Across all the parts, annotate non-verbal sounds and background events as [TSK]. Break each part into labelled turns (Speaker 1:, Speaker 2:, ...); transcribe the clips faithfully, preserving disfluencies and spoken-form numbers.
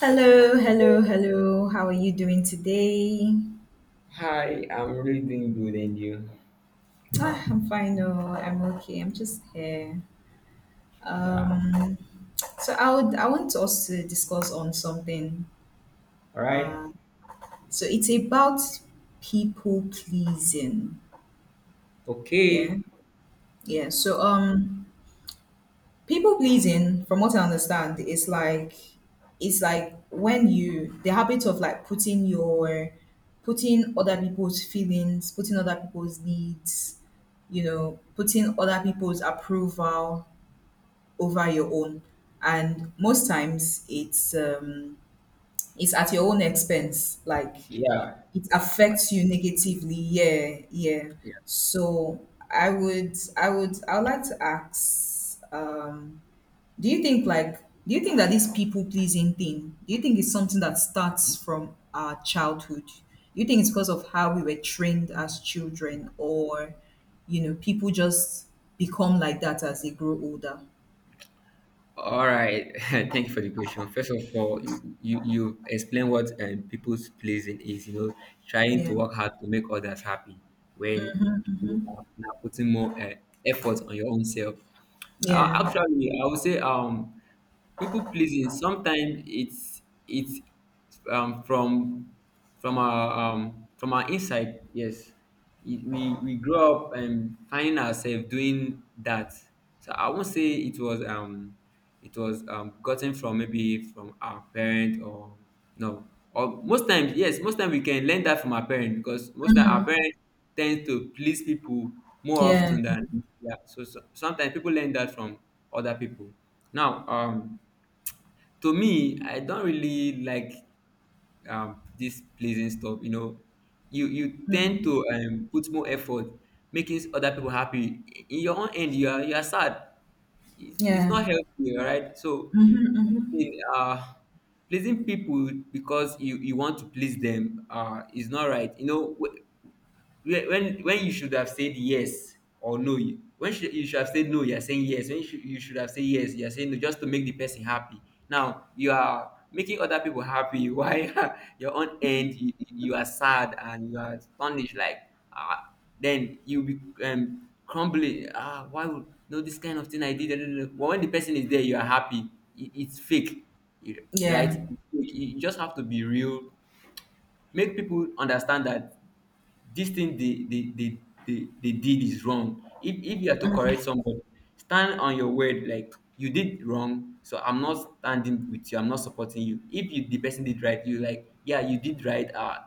Speaker 1: Hello, hello, hello. How are you doing today?
Speaker 2: Hi, I'm really doing good, and you?
Speaker 1: Ah, I'm fine. No, I'm okay. I'm just here.
Speaker 2: Yeah.
Speaker 1: Um, so I would, I want us to discuss on something.
Speaker 2: All right.
Speaker 1: So it's about people pleasing. Yeah,
Speaker 2: Okay.
Speaker 1: yeah. So um, People pleasing, from what I understand, is like it's like when you the habit of like putting your putting other people's feelings, putting other people's needs, you know, putting other people's approval over your own. And most times it's um it's at your own expense. Like
Speaker 2: Yeah.
Speaker 1: it affects you negatively. Yeah, yeah.
Speaker 2: Yeah.
Speaker 1: So I would I would I would like to ask um do you think like do you think that this people pleasing thing, do you think it's something that starts from our childhood? Do you think it's because of how we were trained as children or you know, people just become like that as they grow older?
Speaker 2: All right. [LAUGHS] Thank you for the question. First of all, you you, you explain what um, people's pleasing is. You know, trying to
Speaker 1: Yeah.
Speaker 2: work hard to make others happy when you are now putting more uh, effort on your own self. Uh,
Speaker 1: Yeah.
Speaker 2: actually, I would say um, people pleasing. Sometimes it's it's um, from from our um, from our inside. Yes, It- we we grow up and finding ourselves doing that. So I won't say it was um. It was um, gotten from maybe from our parent or no, or most times yes, most time we can learn that from our parent because most time our parents tend to please people more
Speaker 1: Yeah.
Speaker 2: often than yeah. So, so sometimes people learn that from other people. Now, um, to me, I don't really like um, this pleasing stuff. You know, you you tend
Speaker 1: Mm.
Speaker 2: to um, put more effort making other people happy. In your own end, you are you are sad. It's, it's
Speaker 1: Yeah.
Speaker 2: not healthy, all right? So,
Speaker 1: Mm-hmm, mm-hmm.
Speaker 2: pleasing, uh, pleasing people because you you want to please them uh, is not right. You know, when when when you should have said yes or no you when should, you should have said no you're saying yes when you should, you should have said yes you're saying no just to make the person happy, now you are making other people happy [LAUGHS] while your own end you, you are sad and you are astonished like, ah, then you be um crumbling, ah, why would no this kind of thing I did [LAUGHS] but when the person is there you are happy. It, it's fake. You-
Speaker 1: Yeah.
Speaker 2: right, you you just have to be real. Make people understand that this thing they they, they they they did is wrong. If if you are to correct somebody, stand on your word. Like you did wrong, so I'm not standing with you, I'm not supporting you. If you the person did right, you like, yeah, you did right. Uh,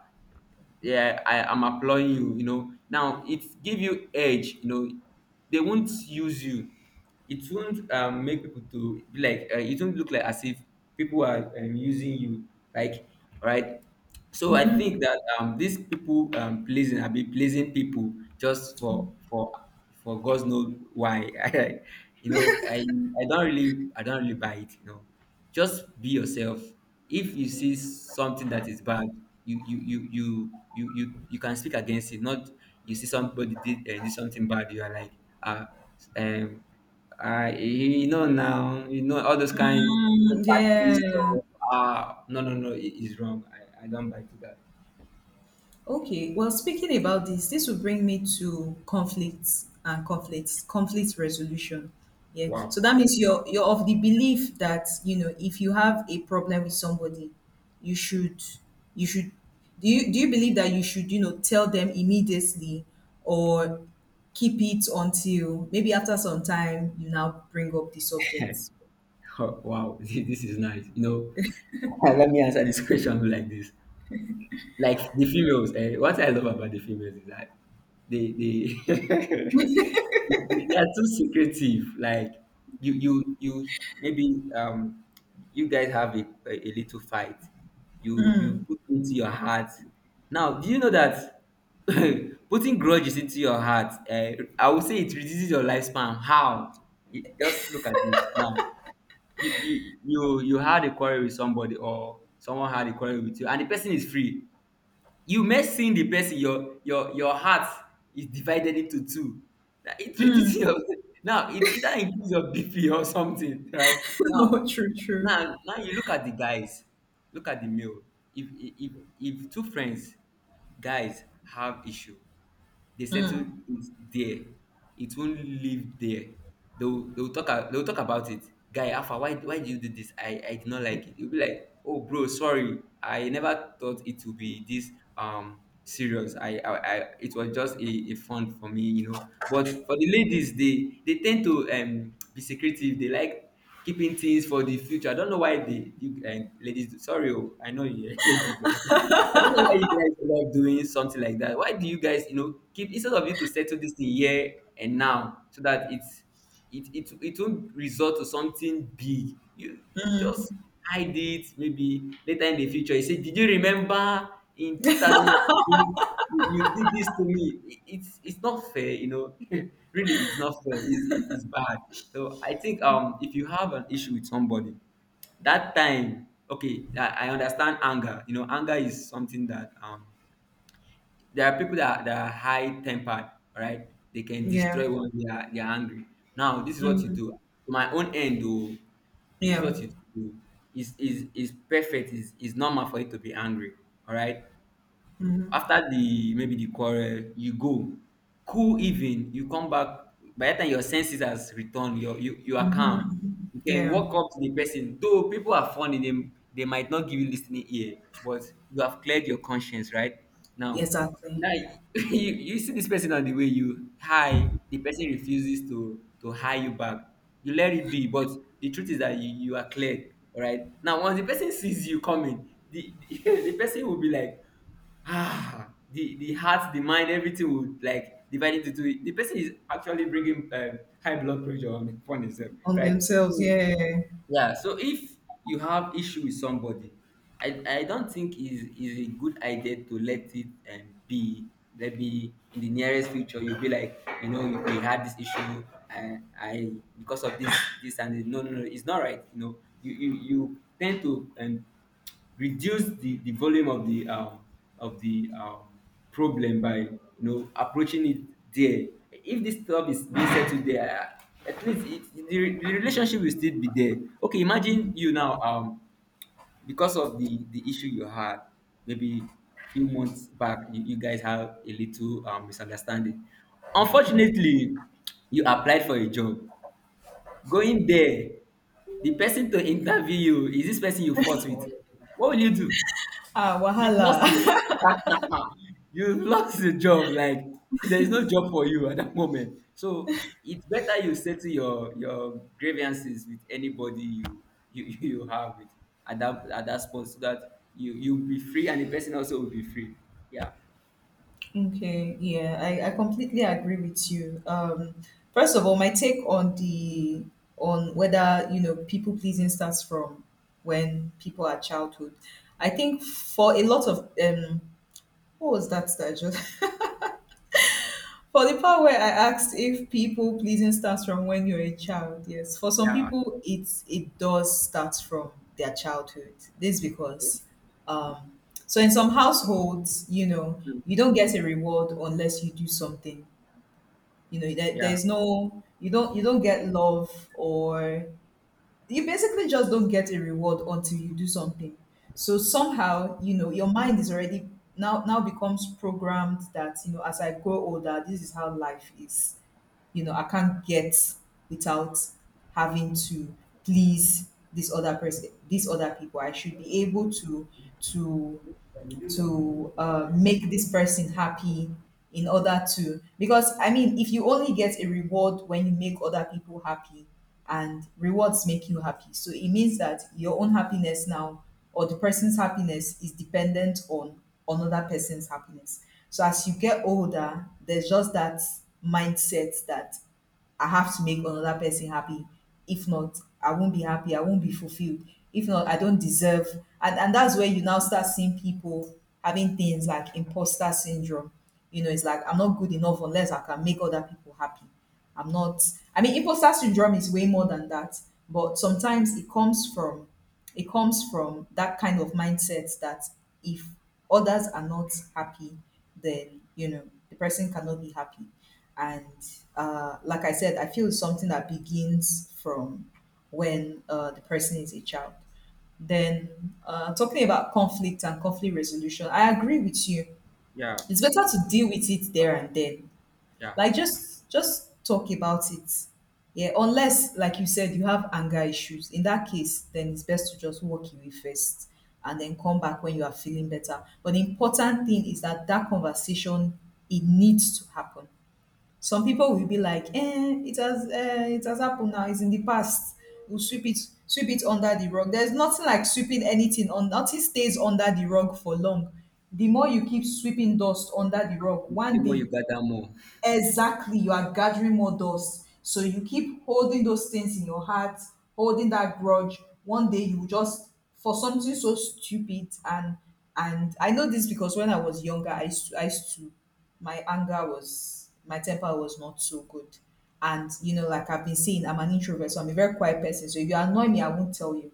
Speaker 2: yeah, I am employing you, you know, now it give you edge, you know, they won't use you. It won't um, make people to be like, uh, it won't look like as if people are um, using you, like, right. So I
Speaker 1: Mm-hmm.
Speaker 2: think that um, these people um, pleasing, I be pleasing people just for for for God's knows why. [LAUGHS] You know, i i don't really, I don't really buy it, you know. Just be yourself. If you see something that is bad, you you you you you you, you can speak against it. Not you see somebody did, uh, did something bad, you are like, ah, um, ah, you know now, you know all those kind
Speaker 1: Mm,
Speaker 2: sympathy
Speaker 1: yeah.
Speaker 2: stuff. Ah, no, no, no, it is wrong. I i don't buy to that.
Speaker 1: Okay, well, speaking about this, this will bring me to conflicts and conflicts, conflict resolution. Yeah.
Speaker 2: Wow.
Speaker 1: So that means you're you're of the belief that, you know, if you have a problem with somebody, you should you should do you do you believe that you should, you know, tell them immediately or keep it until maybe after some time you now bring up the subject?
Speaker 2: [LAUGHS] Wow. [LAUGHS] This is nice, you know. [LAUGHS] Let me answer this question [LAUGHS] like this. Like the females, eh, what I love about the females is that they they [LAUGHS] they they are too secretive. Like, you you you maybe um you guys have a, a, a little fight. you you put into your heart. Now, do you know that [LAUGHS] putting grudges into your heart, uh, I would say it reduces your lifespan. How? You- just look at this now. You you you you had a quarrel with somebody, or someone had a quarrel with you and the person is free. You may seeing the person, your your your heart is divided into two. That it reduces your [LAUGHS] now it either increase your bp or something right
Speaker 1: [LAUGHS] No,
Speaker 2: now.
Speaker 1: true, true.
Speaker 2: Now, now you look at the guys, look at the male. If if if two friends, guys, have issue, they settle it there. It won't live there. They'll they'll talk a- they'll talk about it. Guy, Alpha, why why did you do this? I I did not like it. You'll be like, oh bro, sorry, I never thought it would be this um serious. I I, I it was just a, a fun for me, you know. But for the ladies, they they tend to um be secretive. They like keeping things for the future. I don't know why they, you, uh, ladies. do- Sorry, oh, I know you're a [LAUGHS] lady though. I don't know why you guys love doing something like that. Why do you guys, you know, keep, instead of you to settle this in here and now, so that it's it it it won't result to something big. You just hide it maybe later in the future. You say, did you remember in two thousand you, you did this to me? It- It's it's not fair, you know. [LAUGHS] Really, it's not fair. It's, it- it's bad. So I think, um if you have an issue with somebody, that time, okay, i i understand anger. You know, anger is something that um there are people that that are high tempered, right. They can
Speaker 1: Yeah.
Speaker 2: destroy when they are they are angry. Now this is what you
Speaker 1: Mm,
Speaker 2: do. To my own end though, this is
Speaker 1: yeah.
Speaker 2: what you do. Is is is perfect, is is normal for you to be angry, all right. After the, maybe the quarrel, you go cool, even you come back. By that time your senses has returned. You you you are calm. You can
Speaker 1: Yeah.
Speaker 2: walk up to the person though. People are funny, they they might not give you listening ear, but you have cleared your conscience, right. Now.
Speaker 1: Exactly.
Speaker 2: Now [LAUGHS] you you see this person on the way, you hi the person, refuses to to hi you back. You let it be, but the truth is that you you are cleared, all right. Now once the person sees you coming, the, [LAUGHS] the person will be like, ah, the the heart, the mind, everything would like divide into two. The person is actually bringing um, high blood pressure on, upon himself,
Speaker 1: On
Speaker 2: right.
Speaker 1: themselves,
Speaker 2: So
Speaker 1: yeah.
Speaker 2: yeah, so if you have issue with somebody, i i don't think is is a good idea to let it um, be. Maybe in the nearest future you'll be like, you know, you, we had this issue, and i, because of this, this and this. No, no, no, it's not right, you know. you you, you tend to um, reduce the, the volume of the um, of the um, problem by, you know, approaching it there. If this stuff is being settled there, uh, at least it, the, re- the relationship will still be there. Okay, imagine you now um because of the the issue you had, maybe few months back, you, you guys have a little um, misunderstanding. Unfortunately, you applied for a job. Going there, the person to interview you is this person you fought with. What will you do?
Speaker 1: Ah,
Speaker 2: You've lost
Speaker 1: wahala.
Speaker 2: you.
Speaker 1: [LAUGHS]
Speaker 2: [LAUGHS] You've lost the job. Like, [LAUGHS] there is no job for you at that moment. So it's better you settle your your grievances with anybody you, you, [LAUGHS] you have with, at that, at that spot, so that you you'll be free and the person also will be free. Yeah,
Speaker 1: Okay, yeah, I, I completely agree with you. Um, first of all, my take on the on whether you know people pleasing starts from when people are childhood. I think for a lot of um, what was that that I just For the part where I asked if people pleasing starts from when you're a child, yes. For some
Speaker 2: yeah,
Speaker 1: people, it's it does start from their childhood. This because, um, so In some households, you know, you don't get a reward unless you do something. You know, there,
Speaker 2: yeah,
Speaker 1: there's no you don't you don't get love or you basically just don't get a reward until you do something. So somehow, you know, your mind is already now now becomes programmed that you know as I grow older, this is how life is. You know, I can't get without having to please this other person, these other people. I should be able to to to uh, make this person happy in order to. Because I mean, if you only get a reward when you make other people happy, and rewards make you happy, so it means that your own happiness now or the person's happiness is dependent on another person's happiness. So as you get older, there's just that mindset that I have to make another person happy. If not, I won't be happy. I won't be fulfilled. If not, I don't deserve. And, and that's where you now start seeing people having things like imposter syndrome. You know, it's like, I'm not good enough unless I can make other people happy. I'm not, I mean, imposter syndrome is way more than that. But sometimes it comes from it comes from that kind of mindset that if others are not happy, then you know the person cannot be happy. And uh, like I said, I feel it's something that begins from when uh, the person is a child. Then uh, talking about conflict and conflict resolution, I agree with you.
Speaker 2: yeah,
Speaker 1: It's better to deal with it there and then,
Speaker 2: yeah.
Speaker 1: like just just talk about it. Yeah, unless like you said you have anger issues, in that case then it's best to just walk away first and then come back when you are feeling better. But the important thing is that that conversation, it needs to happen. Some people will be like, eh, it has eh, it has happened now, it's in the past. We'll sweep it sweep it under the rug. There's nothing like sweeping anything on. Nothing stays under the rug for long. The more you keep sweeping dust under the rug
Speaker 2: The the
Speaker 1: one
Speaker 2: more
Speaker 1: day.
Speaker 2: you gather, more.
Speaker 1: Exactly, you are gathering more dust. So you keep holding those things in your heart, holding that grudge. One day you will just, for something so stupid. And and I know this because when I was younger, I used to, I used to my anger was my temper was not so good. And you know, like I've been saying, I'm an introvert, so I'm a very quiet person. So if you annoy me, I won't tell you.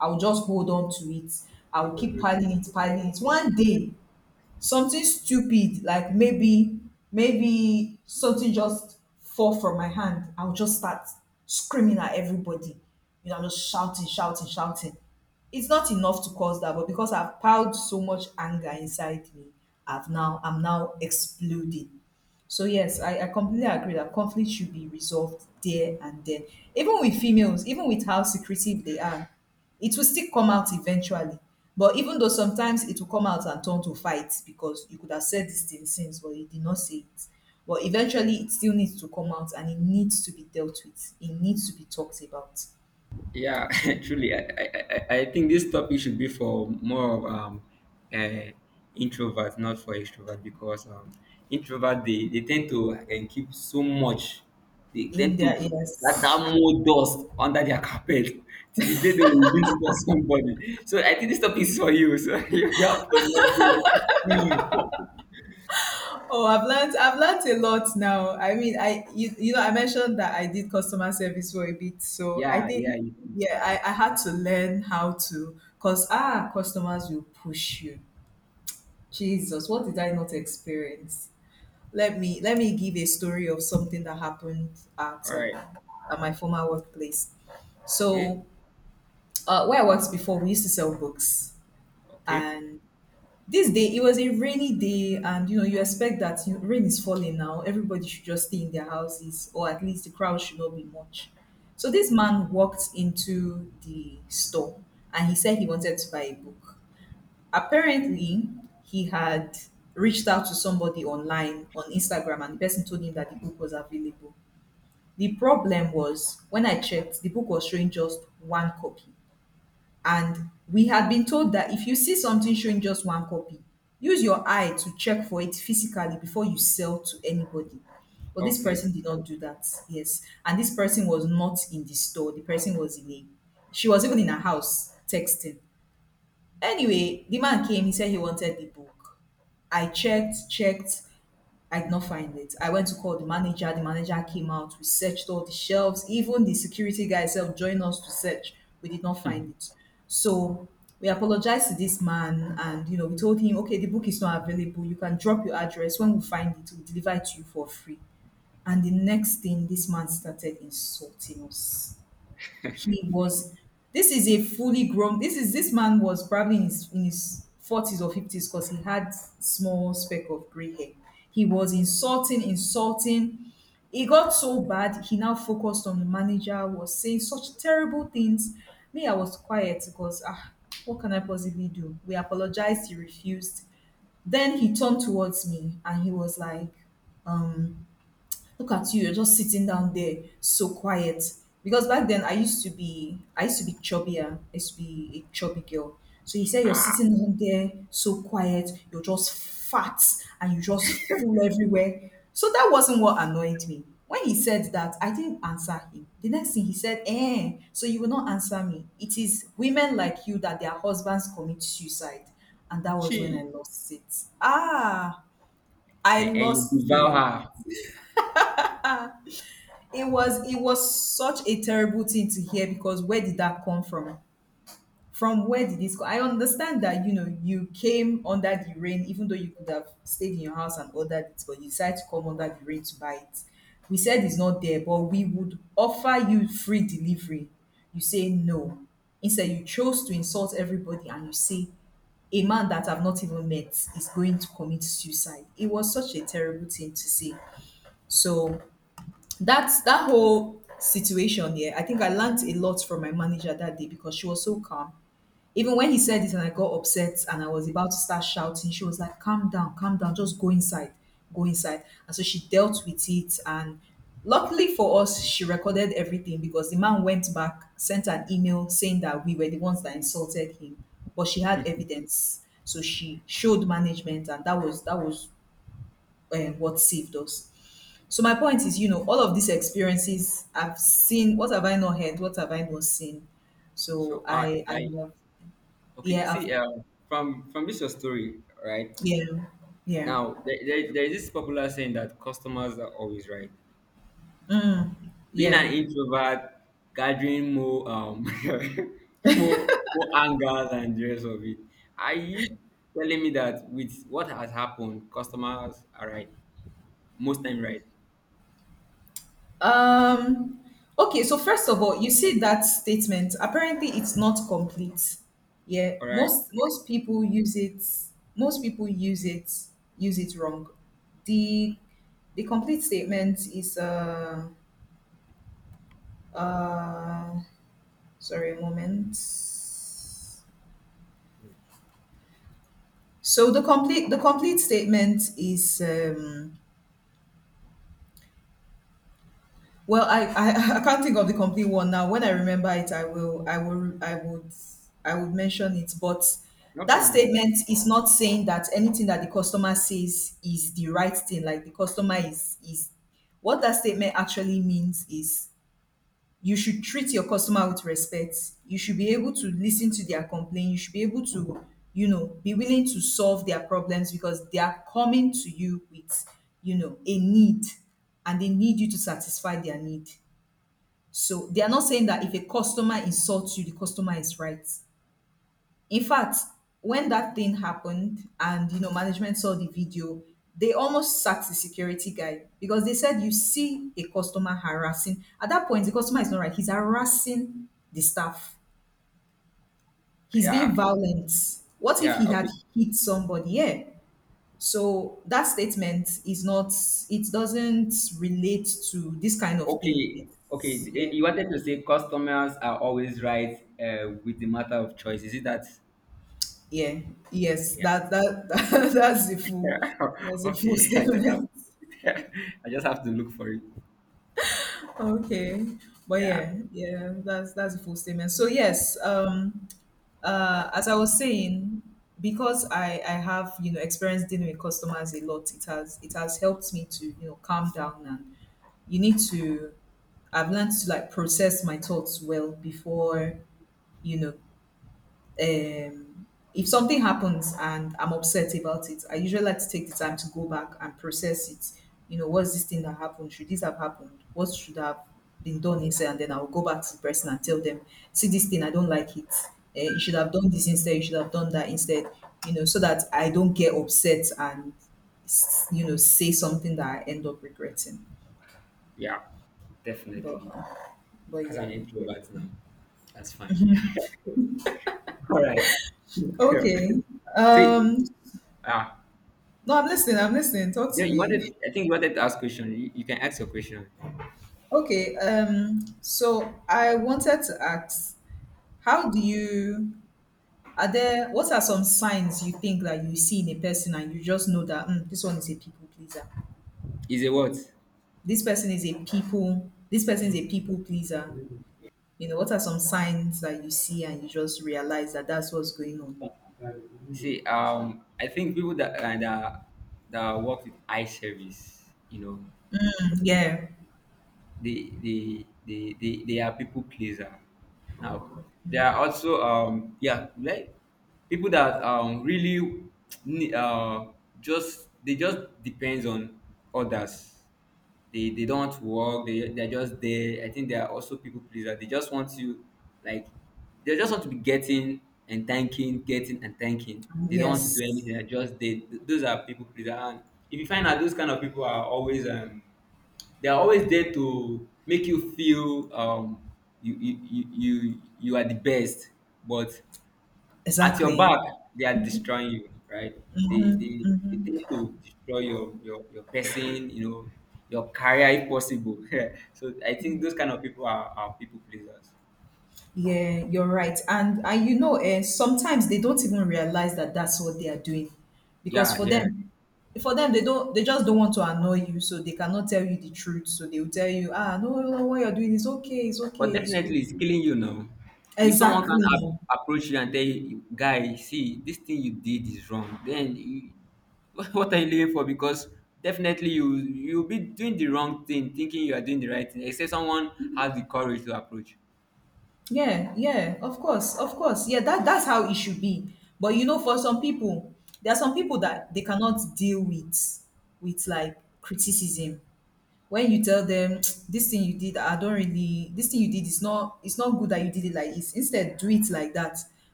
Speaker 1: I will just hold on to it. I will keep piling it, piling it. One day, something stupid, like maybe maybe something just fall from my hand, I'll just start screaming at everybody. You know, I'm just shouting shouting shouting. It's not enough to cause that, but because I've piled so much anger inside me, i've now I'm now exploding. So yes, I, I completely agree that conflict should be resolved there and then. Even with females, even with how secretive they are, it will still come out eventually. But even though sometimes it will come out and turn to fights because you could have said this thing since, but you did not say it. But eventually, it still needs to come out and it needs to be dealt with. It needs to be talked about.
Speaker 2: Yeah,
Speaker 1: So
Speaker 2: [LAUGHS] truly, I, I, I I think this topic should be for more of um, uh, introverts, not for extroverts, because um, introverts they, they tend to uh, keep so much, they
Speaker 1: in
Speaker 2: tend to
Speaker 1: there,
Speaker 2: let that
Speaker 1: yes.
Speaker 2: more dust under their carpet [LAUGHS] till the day they will release it on somebody. So I think this topic is for you. So [LAUGHS] you, you have to let go.
Speaker 1: Oh, I've learned I've learned a lot now. I mean, I you, you know I mentioned that I did customer service for a bit,
Speaker 2: [LAUGHS]
Speaker 1: so I
Speaker 2: Yeah, yeah.
Speaker 1: think
Speaker 2: You, you-
Speaker 1: yeah, I, I had to learn how to, because ah customers will push you. Jesus, what did I not experience? Let me let me give a story of something that happened at
Speaker 2: all
Speaker 1: um,
Speaker 2: right.
Speaker 1: at my former workplace.
Speaker 2: Okay.
Speaker 1: So uh, where I worked before, we used to sell books,
Speaker 2: Okay.
Speaker 1: and this day, it was a rainy day, and you know, you expect that you rain is falling now, everybody should just stay in their houses, or at least the crowd should not be much. So, this
Speaker 2: Sure.
Speaker 1: man walked into the store and he said he wanted to buy a book. Apparently, he had reached out to somebody online on Instagram, and the person told him that the book was available. The problem was when I checked, the book was showing just one copy. And we had been told that if you see something showing just one copy, use your eye to check for it physically before you sell to anybody. But this
Speaker 2: Okay. [LAUGHS]
Speaker 1: person did not do that. Yes. And this person was not in the store. The person was in a, she was even in her house texting. Anyway, the man came, he said he wanted the book. I checked, checked. I did not find it. I went to call the manager. The manager came out. We searched all the shelves. Even the security guy himself joined us to search. We did not find it. So we apologized to this man and, you know, we told him, okay, the book is not available. You can drop your address. When we find it, we'll deliver it to you for free. And the next thing, this man started insulting us. He was this is a fully grown this is This man was probably in his in his forties or fifties, because he had small speck of gray hair. He was insulting insulting. It got so bad, he now focused on the manager, was saying such terrible things. Me, I was quiet because ah, what can I possibly do? We apologized, he refused. Then he turned towards me and he was like, look at you, you're just sitting down there, so quiet. Because back then I used to be I used to be chubbier. I used to be a chubby girl. So he said you're
Speaker 2: Ah,
Speaker 1: sitting down there so quiet, you're just fat and you just full everywhere. So that wasn't what annoyed me. When he said that, I didn't answer him. The next thing he said, eh, so you will not answer me. It is women like you that their husbands commit suicide. And that was when I
Speaker 2: she
Speaker 1: lost it. Ah, I
Speaker 2: and, and you
Speaker 1: lost
Speaker 2: devour
Speaker 1: it.
Speaker 2: her.
Speaker 1: It was it was such a terrible thing to hear, because where did that come from? From where did this go? I understand that you know you came under the rain, even though you could have stayed in your house and ordered it, but you decided to come under the rain to buy it. We said it's not there, but we would offer you free delivery. You say no. Instead, you chose to insult everybody and you say a man that I've not even met is going to commit suicide. It was such a terrible thing to see. So that's that whole situation, yeah. I think I learned a lot from my manager that day because she was so calm. Even when he said it and I got upset and I was about to start shouting, she was like, calm down, calm down, just go inside, go inside. And so she dealt with it. And luckily for us, she recorded everything because the man went back, sent an email saying that we were the ones that insulted him, but she had evidence. So she showed management and that was that was um, what saved us. So my point is, you know, all of these experiences I've seen. What have I not heard? What have I not seen? So
Speaker 2: So I
Speaker 1: I, I
Speaker 2: I
Speaker 1: have,
Speaker 2: okay.
Speaker 1: yeah, I've,
Speaker 2: See, um, from from this your story, right?
Speaker 1: yeah, yeah,
Speaker 2: Now, there, there, there is this popular saying that customers are always right. Being an
Speaker 1: yeah.
Speaker 2: introvert, gathering more um [LAUGHS] more more anger than the rest of it. Are you telling me that with what has happened, customers are right most time, right?
Speaker 1: Um, okay. So first of all, you see that statement. Apparently, it's not complete. Yeah,
Speaker 2: All right,
Speaker 1: most most people use it. Most people use it use it wrong. The the complete statement is uh uh sorry a moment. So the complete the complete statement is um, well, I, I [LAUGHS] I can't think of the complete one now. When I remember it, I will I will I would I would mention it. But
Speaker 2: no
Speaker 1: that
Speaker 2: problem.
Speaker 1: statement is not saying that anything that the customer says is the right thing. Like the customer is is what that statement actually means is you should treat your customer with respect. You should be able to listen to their complaint. You should be able to, you know, be willing to solve their problems because they are coming to you with, you know, a need and they need you to satisfy their need. So they are not saying that if a customer insults you, the customer is right. In fact, when that thing happened and you know management saw the video, they almost sacked the security guy because they said you see a customer harassing. At that point, the customer is not right. He's harassing the staff. He's
Speaker 2: Yeah,
Speaker 1: being violent. What if
Speaker 2: yeah.
Speaker 1: he had
Speaker 2: Okay,
Speaker 1: hit somebody? Yeah. So that statement is not, it doesn't relate to this kind of thing.
Speaker 2: okay,
Speaker 1: It's,
Speaker 2: okay.
Speaker 1: yeah.
Speaker 2: You wanted to say customers are always right, uh, with the matter of choice. Is it that?
Speaker 1: Yeah. Yes.
Speaker 2: Yeah.
Speaker 1: That, that [LAUGHS] that that's the full
Speaker 2: Yeah. [LAUGHS]
Speaker 1: that's the full [LAUGHS]
Speaker 2: Okay. I just have
Speaker 1: statement.
Speaker 2: [LAUGHS] I just have to look for it.
Speaker 1: Okay. But
Speaker 2: Yeah.
Speaker 1: yeah, yeah, that's that's a full statement. So yes, um uh as I was saying, because I I have, you know, experience dealing with customers a lot, it has it has helped me to, you know, calm down and you need to, I've learned to like process my thoughts well before, you know, um, if something happens and I'm upset about it, I usually like to take the time to go back and process it. You know, what's this thing that happened? Should this have happened? What should have been done instead? And then I'll go back to the person and tell them, see this thing, I don't like it. Uh, you should have done this instead. You should have done that instead. You know, so that I don't get upset and s- you know say something that I end up regretting.
Speaker 2: Yeah. Definitely.
Speaker 1: But but
Speaker 2: As
Speaker 1: yeah.
Speaker 2: an introvert now. That's fine. [LAUGHS] All right. Yeah.
Speaker 1: Okay.
Speaker 2: See,
Speaker 1: Um.
Speaker 2: ah,
Speaker 1: No, I'm listening. I'm listening. Talk
Speaker 2: yeah,
Speaker 1: to
Speaker 2: you
Speaker 1: me.
Speaker 2: wanted. I think you wanted to ask question. You, you can ask your question.
Speaker 1: Okay, um, so I wanted to ask, how do you, are there, what are some signs you think that you see in a person and you just know that "Mm, this one is a people pleaser?
Speaker 2: Is it what?
Speaker 1: This person is a people, this person is a people pleaser. You know, what are some signs that you see and you just realize that that's what's going on?
Speaker 2: See, um, I think people that uh, that that work with eye service, you know,
Speaker 1: Mm, yeah,
Speaker 2: they they they they, they are people pleaser. Now there are also um yeah, like people that um really ne- uh just they just depends on others. They they don't want to work. They they're just there. I think there are also people pleaser. They just want to, like they just want to be getting and thanking, getting and thanking. They don't want to do anything.
Speaker 1: yes,
Speaker 2: They're just they those are people pleaser. And if you find out those kind of people are always um they are always there to make you feel um, you, you you you you are the best, but at your
Speaker 1: exactly.
Speaker 2: back they are destroying you, right? They they, they tend to destroy your, your your person, you know, your career if possible. [LAUGHS] So I think those kind of people are, are people pleasers.
Speaker 1: Yeah, you're right. And and you know, eh, sometimes they don't even realize that that's what they are doing, because
Speaker 2: Yeah,
Speaker 1: for
Speaker 2: yeah.
Speaker 1: them, for them they don't, they just don't want to annoy you, so they cannot tell you the truth. So they will tell you, ah, no, no, no, what you're doing is okay, it's
Speaker 2: But
Speaker 1: okay, it's
Speaker 2: definitely,
Speaker 1: good.
Speaker 2: it's killing you now. If someone can
Speaker 1: Exactly.
Speaker 2: ap- approach you and tell you, guy, see, this thing you did is wrong, then you, [LAUGHS] what what are you living for? Because definitely you you'll be doing the wrong thing, thinking you are doing the right thing, except someone has the courage to approach.
Speaker 1: Yeah, yeah, of course, of course. Yeah, that that's how it should be. But you know, for some people, there are some people that they cannot deal with with like criticism. When you tell them this thing you did, I don't really this thing you did is not, it's not good that you did it like this, instead do it like that,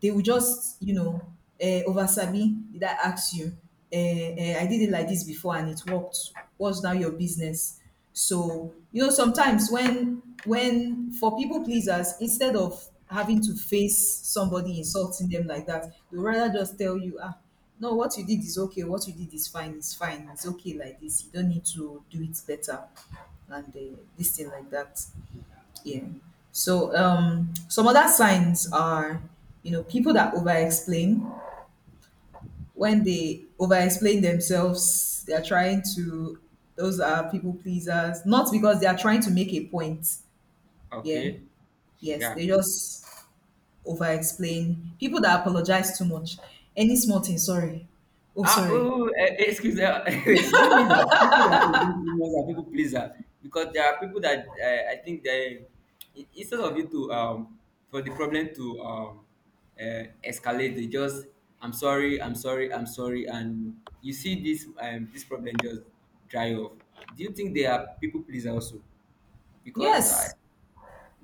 Speaker 1: they will just, you know, uh, over sabi, did I ask you? uh, I did it like this before and it worked. What's now your business? So, you know, sometimes when when for people pleasers, instead of having to face somebody insulting them like that, they rather just tell you, ah, no, what you did is okay, what you did is fine, it's fine, it's okay like this. You don't need to do it better and uh, this thing like that. Yeah. So um, some other signs are, you know, people that over explain, when they over explain themselves, they are trying to, those are people pleasers, not because they are trying to make a point. Yeah.
Speaker 2: Okay,
Speaker 1: Yes.
Speaker 2: yeah.
Speaker 1: They just over explain. People that apologize too much. Any small thing, sorry. Oh,
Speaker 2: Ah, oh, oh,
Speaker 1: sorry.
Speaker 2: oh, eh, excuse me. [LAUGHS] Do you mean that people that are against unions are people pleaser? Because there are people that uh, I think they i- instead of you to um for the problem to um uh, escalate, they just I'm sorry, I'm sorry, I'm sorry, and you see this um this problem just dry off. Do you think they are people pleaser also? Because
Speaker 1: Yes.
Speaker 2: I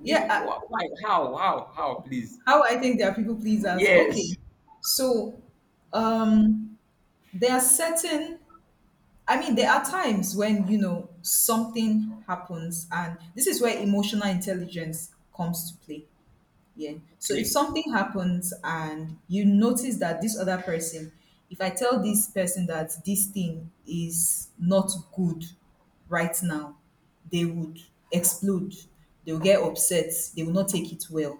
Speaker 2: give
Speaker 1: Yeah.
Speaker 2: me wh-
Speaker 1: I-
Speaker 2: why how how how please.
Speaker 1: How I think they are people pleasers. Okay.
Speaker 2: Yes.
Speaker 1: So, um, there are certain, I mean, there are times when, you know, something happens, and this is where emotional intelligence comes to play. Yeah. So if
Speaker 2: Okay.
Speaker 1: something happens and you notice that this other person, if I tell this person that this thing is not good right now, they would explode. They will get upset. They will not take it well.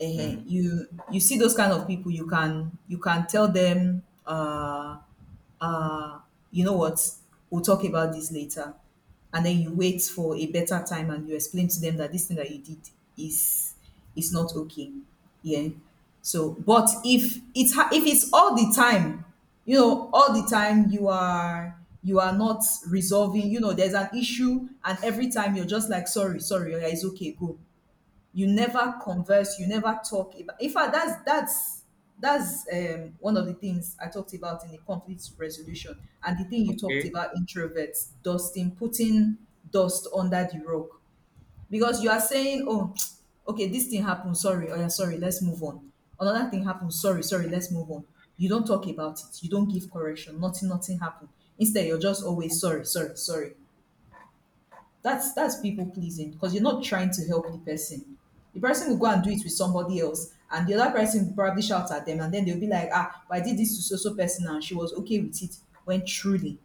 Speaker 1: Eh,
Speaker 2: Mm.
Speaker 1: you you see those kind of people. You can you can tell them. Uh, uh, you know what, we'll talk about this later. And then you wait for a better time and you explain to them that this thing that you did is is not okay. Yeah. So, but if it's ha- if it's all the time, you know, all the time you are you are not resolving, you know, there's an issue, and every time you're just like, sorry, sorry, yeah, it's okay, go, you never converse, you never talk about, in fact that's that's that's um, one of the things I talked about in the conflict resolution, and the thing you talked
Speaker 2: Okay,
Speaker 1: about introverts dusting, putting dust under the rug, because you are saying, oh [TSK] okay this thing happened, sorry, oh yeah sorry, let's move on. Another thing happened, sorry sorry, let's move on. You don't talk about it, you don't give correction, nothing, nothing happened. Instead you're just always sorry sorry sorry. That's that's people pleasing because you're not trying to help the person. The person will go and do it with somebody else, and the other person will probably shout at them, and then they'll be like, "Ah, but I did this to so so person, and she was okay with it." When truly,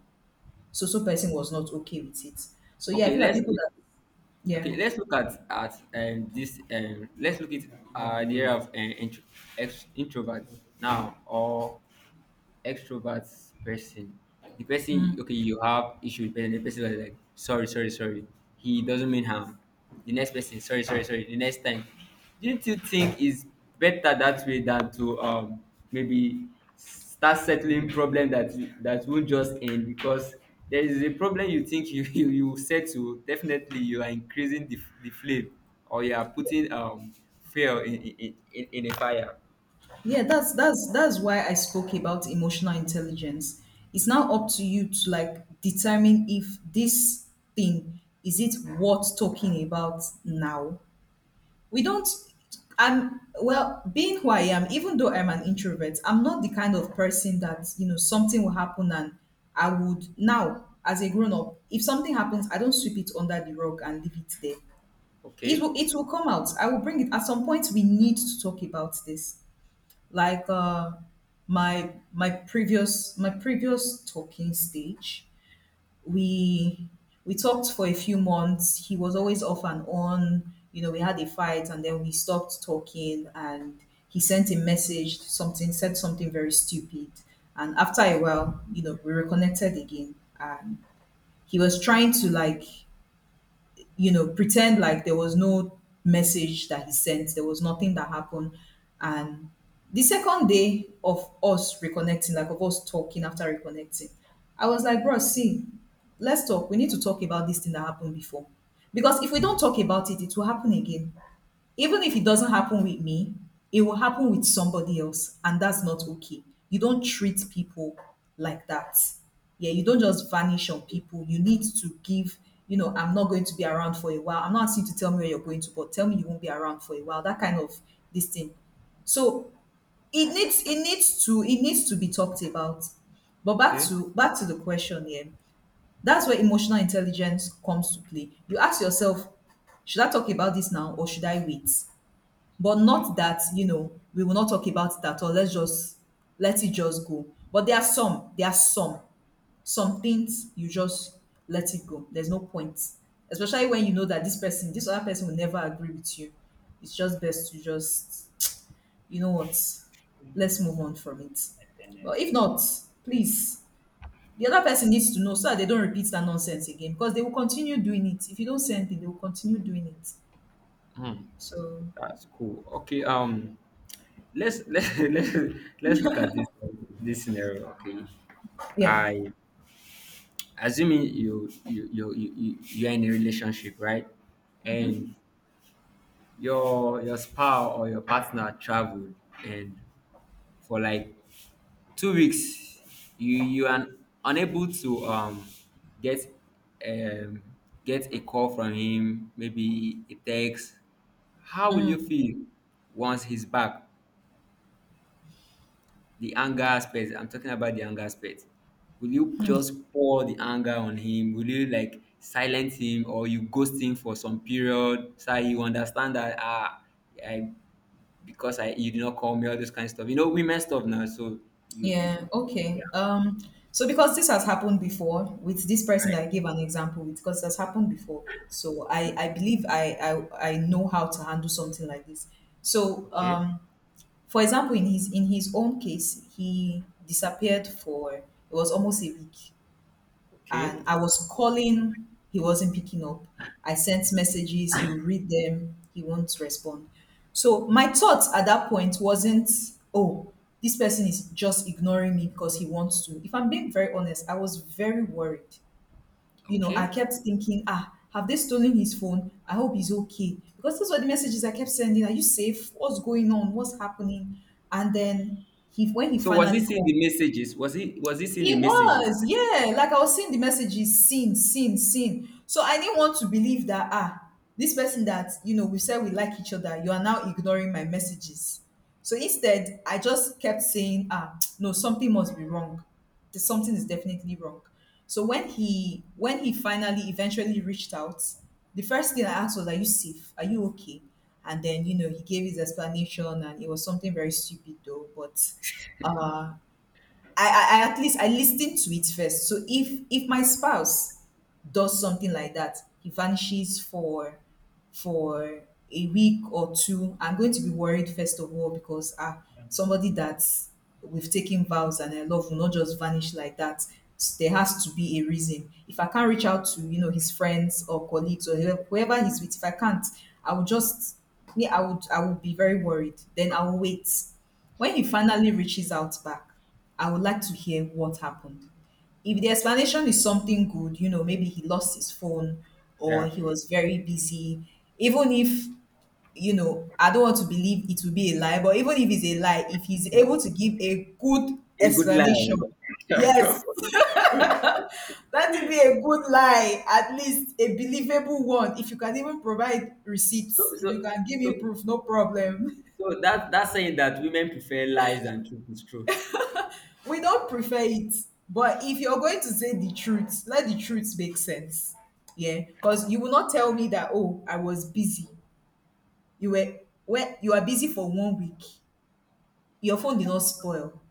Speaker 1: so so person was not okay with it. So yeah, I
Speaker 2: okay,
Speaker 1: feel like
Speaker 2: let's
Speaker 1: people that
Speaker 2: okay,
Speaker 1: yeah
Speaker 2: let's look at at um, this. Um, let's look at uh, the area of uh, intro, ex, introvert now, or extroverts person, the person okay you have issue with, and the person was like sorry, sorry, sorry. He doesn't mean harm. The next person, sorry, sorry, sorry. The next time, didn't you think is better that way than to um maybe start settling problem that that won't just end because there is a problem you think you [LAUGHS] you, you settle definitely you are increasing the, the flame or you are putting um fuel in in, in in a fire.
Speaker 1: yeah that's that's that's why I spoke about emotional intelligence. It's now up to you to like determine if this thing, is it worth talking about now? We don't I'm, well, being who I am, even though I'm an introvert, I'm not the kind of person that, you know, something will happen and I would, now as a grown up, if something happens I don't sweep it under the rug and leave it there. It
Speaker 2: Okay,
Speaker 1: will, it will come out. I will bring it at some point. We need to talk about this. Like uh my my previous my previous talking stage, we we talked for a few months. He was always off and on. You know, we had a fight and then we stopped talking, and he sent a message, something said something very stupid. And after a while, you know, we reconnected again, and he was trying to like, you know, pretend like there was no message that he sent, there was nothing that happened. And the second day of us reconnecting, like of us talking after reconnecting, I was like, bro, see, let's talk. We need to talk about this thing that happened before. Because if we don't talk about it, it will happen again. Even if it doesn't happen with me, it will happen with somebody else, and that's not okay. You don't treat people like that. Yeah, you don't just vanish on people. You need to give, you know, I'm not going to be around for a while. I'm not asking you to tell me where you're going to, but tell me you won't be around for a while. That kind of this thing. So it needs it needs to it needs to be talked about. But back
Speaker 2: okay.
Speaker 1: to back to the question here. That's where emotional intelligence comes to play. You ask yourself, should I talk about this now or should I wait? But not that you know we will not talk about that, or let's just let it just go. But there are some there are some some things you just let it go. There's no point, especially when you know that this person this other person will never agree with you. It's just best to just, you know what, let's move on from it. But if not, please, the other person needs to know so that they don't repeat that nonsense again, because they will continue doing it. If you don't say anything, they will continue doing it.
Speaker 2: Hmm.
Speaker 1: So
Speaker 2: That's cool. Okay, um, let's let's [LAUGHS] let's let's look at this this scenario. Okay,
Speaker 1: yeah.
Speaker 2: I assuming you you you you you you are in a relationship, right? And your your spouse or your partner traveled, and for like two weeks, you you are unable to um get um get a call from him, maybe a text. How will you feel once he's back? The anger aspect. I'm talking about the anger aspect. Will you just pour the anger on him? Will you like silence him or you ghost him for some period so you understand that ah I because I you did not call me, all this kind of stuff. You know women stuff now, so you, you
Speaker 1: Yeah,
Speaker 2: yeah,
Speaker 1: okay. Um, so because this has happened before with this
Speaker 2: all
Speaker 1: person
Speaker 2: right.
Speaker 1: that I gave an example with, because it has happened before. So I, I believe I, I I know how to handle something like this. So
Speaker 2: Okay.
Speaker 1: um for example, in his in his own case, he disappeared for, it was almost a week,
Speaker 2: Okay.
Speaker 1: and I was calling, he wasn't picking up. I sent messages, he would read them, he won't respond. So my thoughts at that point wasn't, oh, this person is just ignoring me because he wants to. If I'm being very honest, I was very worried. You know, I
Speaker 2: Okay.
Speaker 1: kept thinking, ah, have they stolen his phone? I hope he's okay. Because those were the messages I kept sending. Are you safe? What's going on? What's happening? And then he when he
Speaker 2: So was he
Speaker 1: finally
Speaker 2: seeing
Speaker 1: called.
Speaker 2: the messages? Was he was he seeing
Speaker 1: He
Speaker 2: the messages?
Speaker 1: was, yeah. Like I was seeing the messages, seen, seen, seen. So I didn't want to believe that, ah, this person that you know we said we like each other, you are now ignoring my messages. So instead, I just kept saying, ah, [TSK] no, something must be wrong. There's Something is definitely wrong. So when he when he finally eventually reached out, the first thing I asked was, "Are you safe? Are you okay?" And then you know he gave his explanation, and it was something very stupid though, but. uh, I, I, I at least I listen to it first. So if if my spouse does something like that, he vanishes for for a week or two, I'm going to be worried, first of all, because, ah, somebody that we've taken vows and I love will not just vanish like that. S- there has to be a reason. If I can't reach out to, you know, his friends or colleagues or whoever whoever he's with, if I can't, I will just me I would, I would be very worried. Then I will wait. When he finally reaches out back, I would like to hear what happened. If the explanation is something good, you know, maybe he lost his phone or
Speaker 2: Yeah.
Speaker 1: he was very busy, even if, you know, I don't want to believe it will be a lie, but even if it's a lie, if he's able to give a good
Speaker 2: A good lie.
Speaker 1: explanation, yes,
Speaker 2: [LAUGHS]
Speaker 1: that will be a good lie, at least a believable one. If you can even provide
Speaker 2: so
Speaker 1: receipts, if you
Speaker 2: so
Speaker 1: can give me
Speaker 2: so
Speaker 1: proof, no problem. [LAUGHS]
Speaker 2: So that that's saying that women prefer lies than truth is true.
Speaker 1: We don't prefer it, but if you're going to say the truth, let the truth make sense. Yeah, because you will not tell me that, oh, I was busy. You were Well, you are busy for one week. Your phone did not spoil.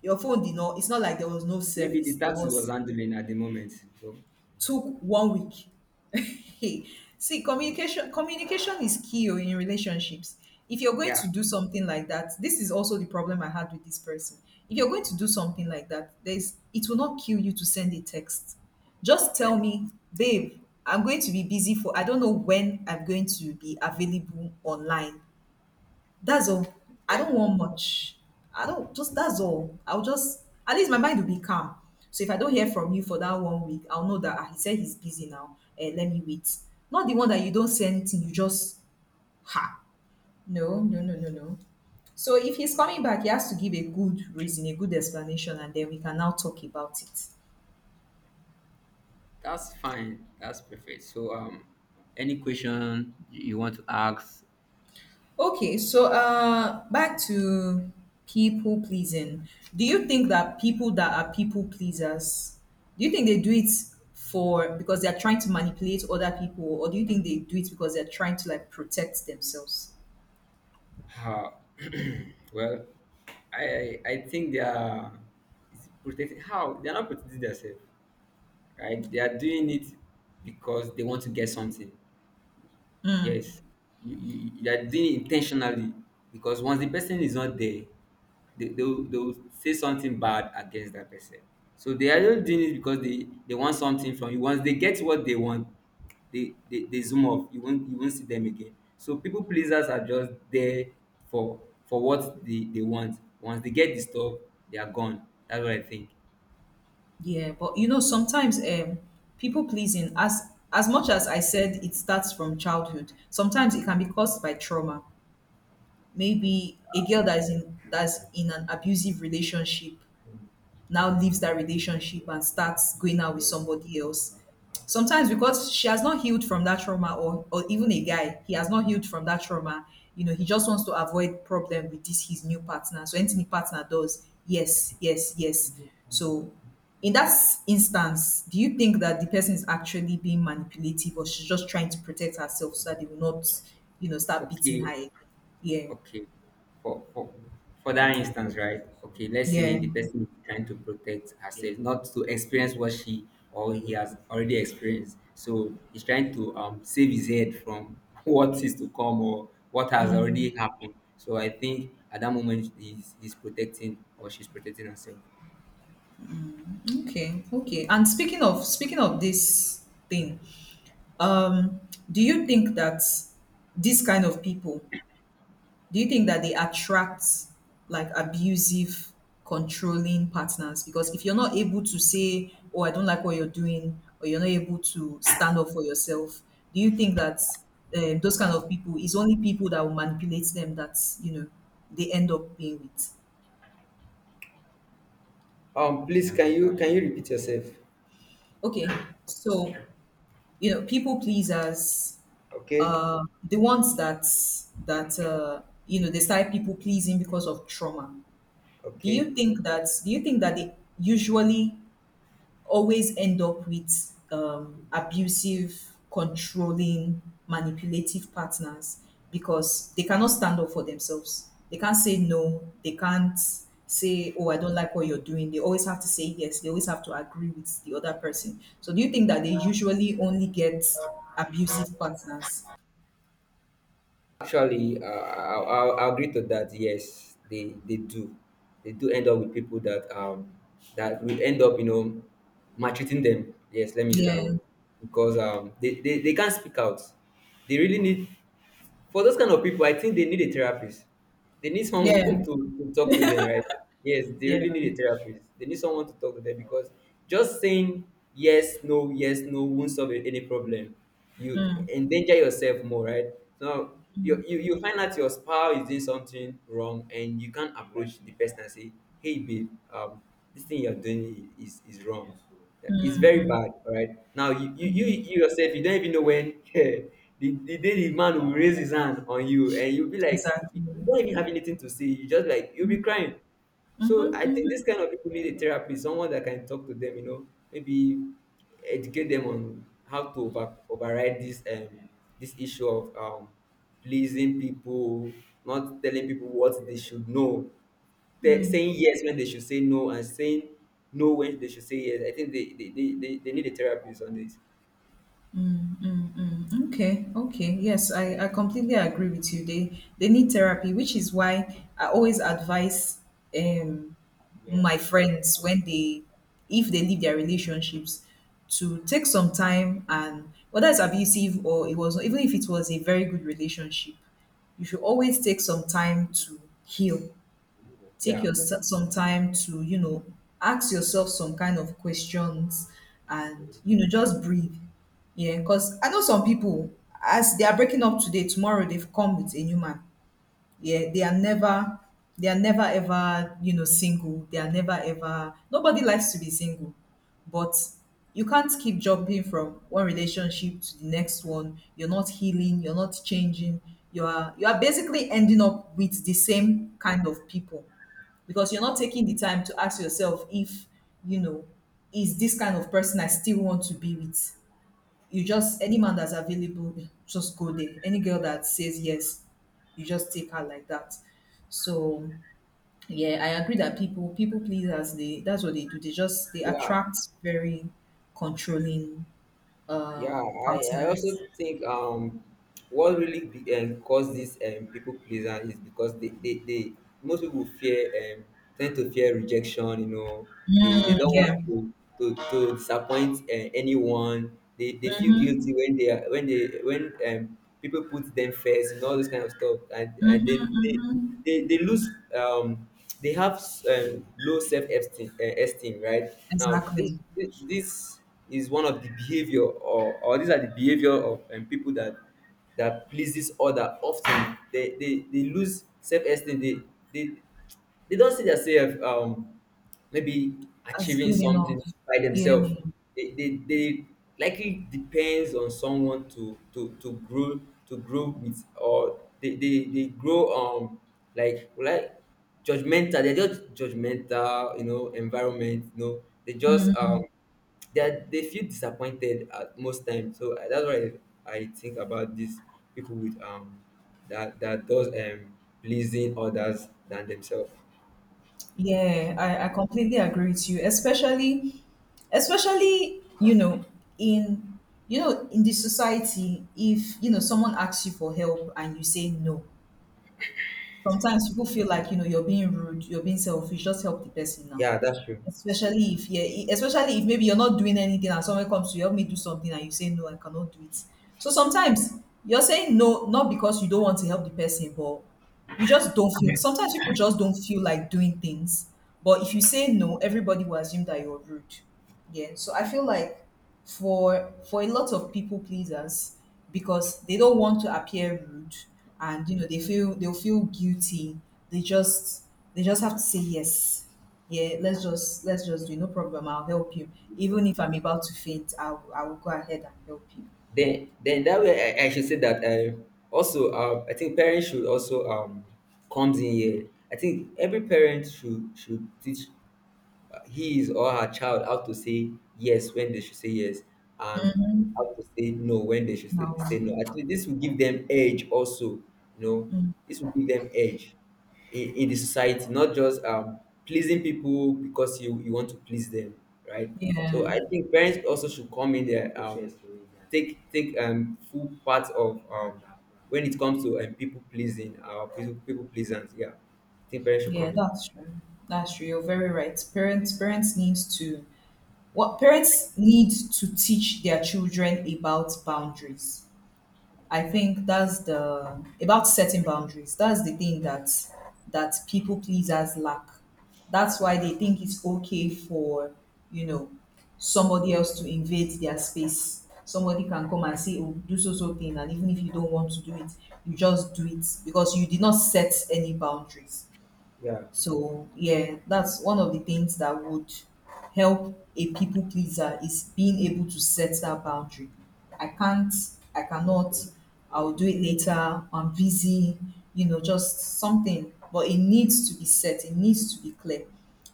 Speaker 1: Your phone did not. It's not like there was no
Speaker 2: Maybe
Speaker 1: service.
Speaker 2: the
Speaker 1: There
Speaker 2: taxi was
Speaker 1: was
Speaker 2: handling at the moment. So
Speaker 1: took one week. [LAUGHS] See, communication communication is key oh, in relationships. If you're going
Speaker 2: yeah,
Speaker 1: to do something like that, this is also the problem I had with this person. If you're going to do something like that, there's it will not kill you to send a text. Just tell
Speaker 2: right.
Speaker 1: me, babe, I'm going to be busy for, I don't know when I'm going to be available online. That's all. I
Speaker 2: Yeah,
Speaker 1: don't want much. I don't just That's all. I'll just, at least my mind will be calm. So if I don't hear from you for that one week, I'll know that, ah, he said he's busy now. Eh, let me wait. Not the one that you don't say anything, you just ha. No, no, no, no, no. So if he's coming back, he has to give a good reason, a good explanation, and then we can now talk about it.
Speaker 2: that's fine. That's perfect. So um, any question you want to ask?
Speaker 1: Okay, so uh, back to people pleasing. Do you think that people that are people pleasers, do you think they do it for because they are trying to manipulate other people, or do you think they do it because they're trying to like protect themselves?
Speaker 2: Uh, [CLEARS THROAT] well, I I think they are is protecting how they are not protecting themselves, right? They are doing it because they want to get something. Yes, you, you, you are doing it intentionally because once the person is not there, they, they, will, they will say something bad against that person. So they are just doing it because they, they want something from you. Once they get what they want, they, they, they zoom off. You won't you won't see them again. So people pleasers are just there for for what they, they want. Once they get the stuff, they are gone. That's what I think.
Speaker 1: Yeah, but you know, sometimes um, people pleasing, as as much as I said, it starts from childhood. Sometimes it can be caused by trauma. Maybe a girl that's in that's in an abusive relationship now leaves that relationship and starts going out with somebody else. Sometimes because she has not healed from that trauma, or or even a guy, he has not healed from that trauma. You know, he just wants to avoid problem with this his new partner. So anything the partner does, yes, yes, yes. So in that s- instance, do you think that the person is actually being manipulative, or she's just trying to protect herself so that they will not, you know, start beating
Speaker 2: Okay.
Speaker 1: her again? Yeah.
Speaker 2: Okay. For for for that instance, right? Okay, let's say
Speaker 1: Yeah.
Speaker 2: the person is trying to protect herself, not to experience what she or he has already experienced. So he's trying to um save his head from [LAUGHS] what is to come or what has already happened. So I think at that moment he's, he's protecting or she's protecting herself.
Speaker 1: Okay. Okay. And speaking of speaking of this thing, um do you think that these kind of people, do you think that they attract like abusive, controlling partners? Because if you're not able to say, oh, I don't like what you're doing, or you're not able to stand up for yourself, do you think that um, those kind of people is only people that will manipulate them, that you know they end up being with?
Speaker 2: Um, please can you can you repeat yourself?
Speaker 1: Okay, so you know, people pleasers,
Speaker 2: Okay,
Speaker 1: uh, the ones that that uh, you know, they start people pleasing because of trauma. Do
Speaker 2: okay.
Speaker 1: you think that do you think that they usually always end up with um, abusive, controlling, manipulative partners, because they cannot stand up for themselves? They can't say no. They can't say, "Oh, I don't like what you're doing." They always have to say yes. They always have to agree with the other person. So, do you think that they usually only get abusive partners?
Speaker 2: Actually, uh, I'll, I'll I'll agree to that. Yes, they they do, they do end up with people that um that will end up, you know, maltreating them. Yes, let me use that
Speaker 1: Yeah.
Speaker 2: word because um they, they, they can't speak out. They really need, for those kind of people, I think they need a therapist. They need someone [LAUGHS] to,
Speaker 1: Yeah,
Speaker 2: to talk to them, right? Yes, they
Speaker 1: yeah.
Speaker 2: really need a therapist. They need someone to talk to them because just saying yes, no, yes, no won't solve any problem. You
Speaker 1: Mm,
Speaker 2: endanger yourself more, right? So you, you, you find out your spouse is doing something wrong and you can't approach the person and say, hey, babe, um, this thing you're doing is, is wrong. Yeah, it's very bad, all right? Now, you, you, you, you yourself, you don't even know when, [LAUGHS] the, the day the man will raise his hand on you, and you'll be like,
Speaker 1: exactly.
Speaker 2: you you
Speaker 1: Mm-hmm,
Speaker 2: don't even have anything to say. You just like, you'll be crying. So I think this
Speaker 1: mm-hmm,
Speaker 2: kind of people need a therapist, someone that can talk to them, you know, maybe educate them on how to over, override this um this issue of um pleasing people, not telling people what they should know, te- saying yes when they should say no and saying no when they should say yes. I think they they, they, they, they need a therapist on this.
Speaker 1: mm-hmm. Mm-hmm. Okay, okay. Yes, I, I completely agree with you. They they need therapy, which is why I always advise um my friends when they, if they leave their relationships, to take some time. And whether it's abusive or it was, even if it was a very good relationship, you should always take some time to heal, take
Speaker 2: Yeah.
Speaker 1: your some time to, you know, ask yourself some kind of questions, and, you know, just breathe. Yeah, because I know some people, as they are breaking up today, tomorrow they've come with a new man. Yeah, they are never they are never ever, you know, single. They are never ever Nobody likes to be single. But you can't keep jumping from one relationship to the next one. You're not healing, you're not changing. You are you are basically ending up with the same kind of people, because you're not taking the time to ask yourself if, you know, is this kind of person I still want to be with? You just, any man that's available, just go there. Any girl that says yes, you just take her like that. So yeah, I agree that people people pleasers, they that's what they do. They just they
Speaker 2: Yeah.
Speaker 1: attract very controlling uh
Speaker 2: Yeah. I, I also
Speaker 1: partners.
Speaker 2: think um what really be, um, caused this, um, people pleaser is because they, they, they most people fear um tend to fear rejection, you know. They they
Speaker 1: Mm,
Speaker 2: don't want
Speaker 1: yeah.
Speaker 2: to to, to disappoint uh, anyone. They, they feel guilty when they are when they when um people put them first and all this kind of stuff, and and then
Speaker 1: Mm-hmm,
Speaker 2: they
Speaker 1: mm-hmm.
Speaker 2: they they lose um they have, um, low self esteem, uh, esteem, right? Now, this
Speaker 1: Exactly.
Speaker 2: this this is one of the behavior, or or these are the behavior of, um, people that that pleases other often. They they they lose self esteem. They they they don't see their self, um maybe
Speaker 1: That's
Speaker 2: achieving
Speaker 1: good
Speaker 2: something
Speaker 1: enough.
Speaker 2: by
Speaker 1: Yeah.
Speaker 2: themselves. They, they, they likely depends on someone to to, to grow, to grow with. Or they, they, they grow um like like judgmental. They're just judgmental, you know, environment, you know. they just um they are, they feel disappointed at most times. So I- that's why I, I think about these people with, um that that does, um pleasing others than themselves.
Speaker 1: Yeah, I, I completely agree with you, especially especially, you know, in you know, in the society, if you know someone asks you for help and you say no, sometimes people feel like, you know, you're being rude, you're being selfish, just help the person now.
Speaker 2: Yeah, that's true.
Speaker 1: Especially if, yeah, especially if maybe you're not doing anything and someone comes to you, help me do something, and you say no, I cannot do it. So sometimes you're saying no, not because you don't want to help the person, but you just don't feel sometimes people just don't feel like doing things. But if you say no, everybody will assume that you're rude. Yeah. So I feel like for for a lot of people pleasers, because they don't want to appear rude, and you know they feel, they'll feel guilty. They just they just have to say yes. Yeah, let's just let's just do it. No problem. I'll help you. Even if I'm about to faint, I'll I will go ahead and help you.
Speaker 2: then then that way, I, I should say that, uh, also um, I think parents should also um comes in here. I think every parent should should teach his or her child how to say yes when they should say yes, and how to say no when they should say,
Speaker 1: No.
Speaker 2: say no. I think this will give them edge also, you know, this will give them edge in, in the society, not just, um, pleasing people because you, you want to please them, right?
Speaker 1: Yeah.
Speaker 2: So I think parents also should come in there, um, take take um, full part of, um, when it comes to, um, people pleasing, uh, people people pleasant. Yeah, I think parents should
Speaker 1: Yeah,
Speaker 2: come in.
Speaker 1: that's true. That's true. You're very right. Parents parents need to, what parents need to teach their children about boundaries. I think that's the, about setting boundaries. That's the thing that that people pleasers lack. That's why they think it's okay for, you know, somebody else to invade their space. Somebody can come and say, oh, do so so thing, and even if you don't want to do it, you just do it because you did not set any boundaries.
Speaker 2: Yeah,
Speaker 1: So yeah, that's one of the things that would help a people pleaser, is being able to set that boundary. I can't, I cannot, I'll do it later, I'm busy, you know, just something. But it needs to be set, it needs to be clear.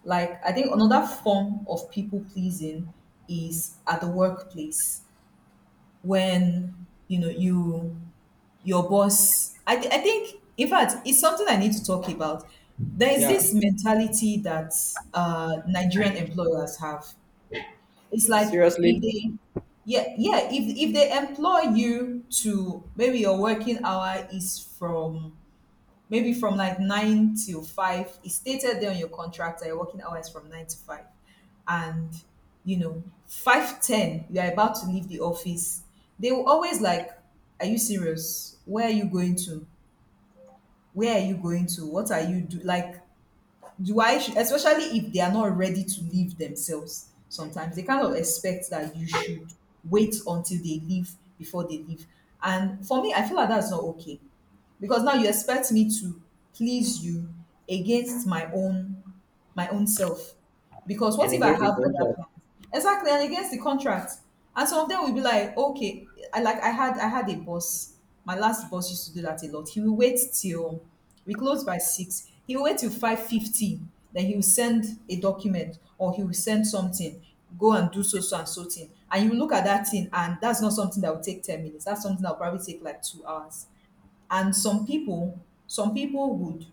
Speaker 1: Like I think another form of people pleasing is at the workplace when you know you your boss, I, th- I think, in fact, it's something I need to talk about. There is
Speaker 2: yeah.
Speaker 1: this mentality that uh, Nigerian employers have. It's like if
Speaker 2: Seriously,
Speaker 1: they, yeah, yeah, if, if they employ you to, maybe your working hour is from maybe from like nine till five. It's stated there on your contract that your working hours from nine to five. And you know, five ten, you are about to leave the office. They will always like, "Are you serious? Where are you going to? Where are you going to? What are you do, like, do I, sh- especially if they are not ready to leave themselves, sometimes they kind of expect that you should wait until they leave before they leave. And for me, I feel like that's not okay because now you expect me to please you against my own my own self. Because
Speaker 2: and
Speaker 1: what if I
Speaker 2: against the
Speaker 1: have other
Speaker 2: contract.
Speaker 1: plans? Exactly, and against the contract. And some of them will be like, okay, I like I had I had a boss. My last boss used to do that a lot. He will wait till we close by six. He will wait till five fifty. Then he will send a document or he will send something. Go and do so so and so thing. And you look at that thing, and that's not something that will take ten minutes. That's something that will probably take like two hours, and some people some people would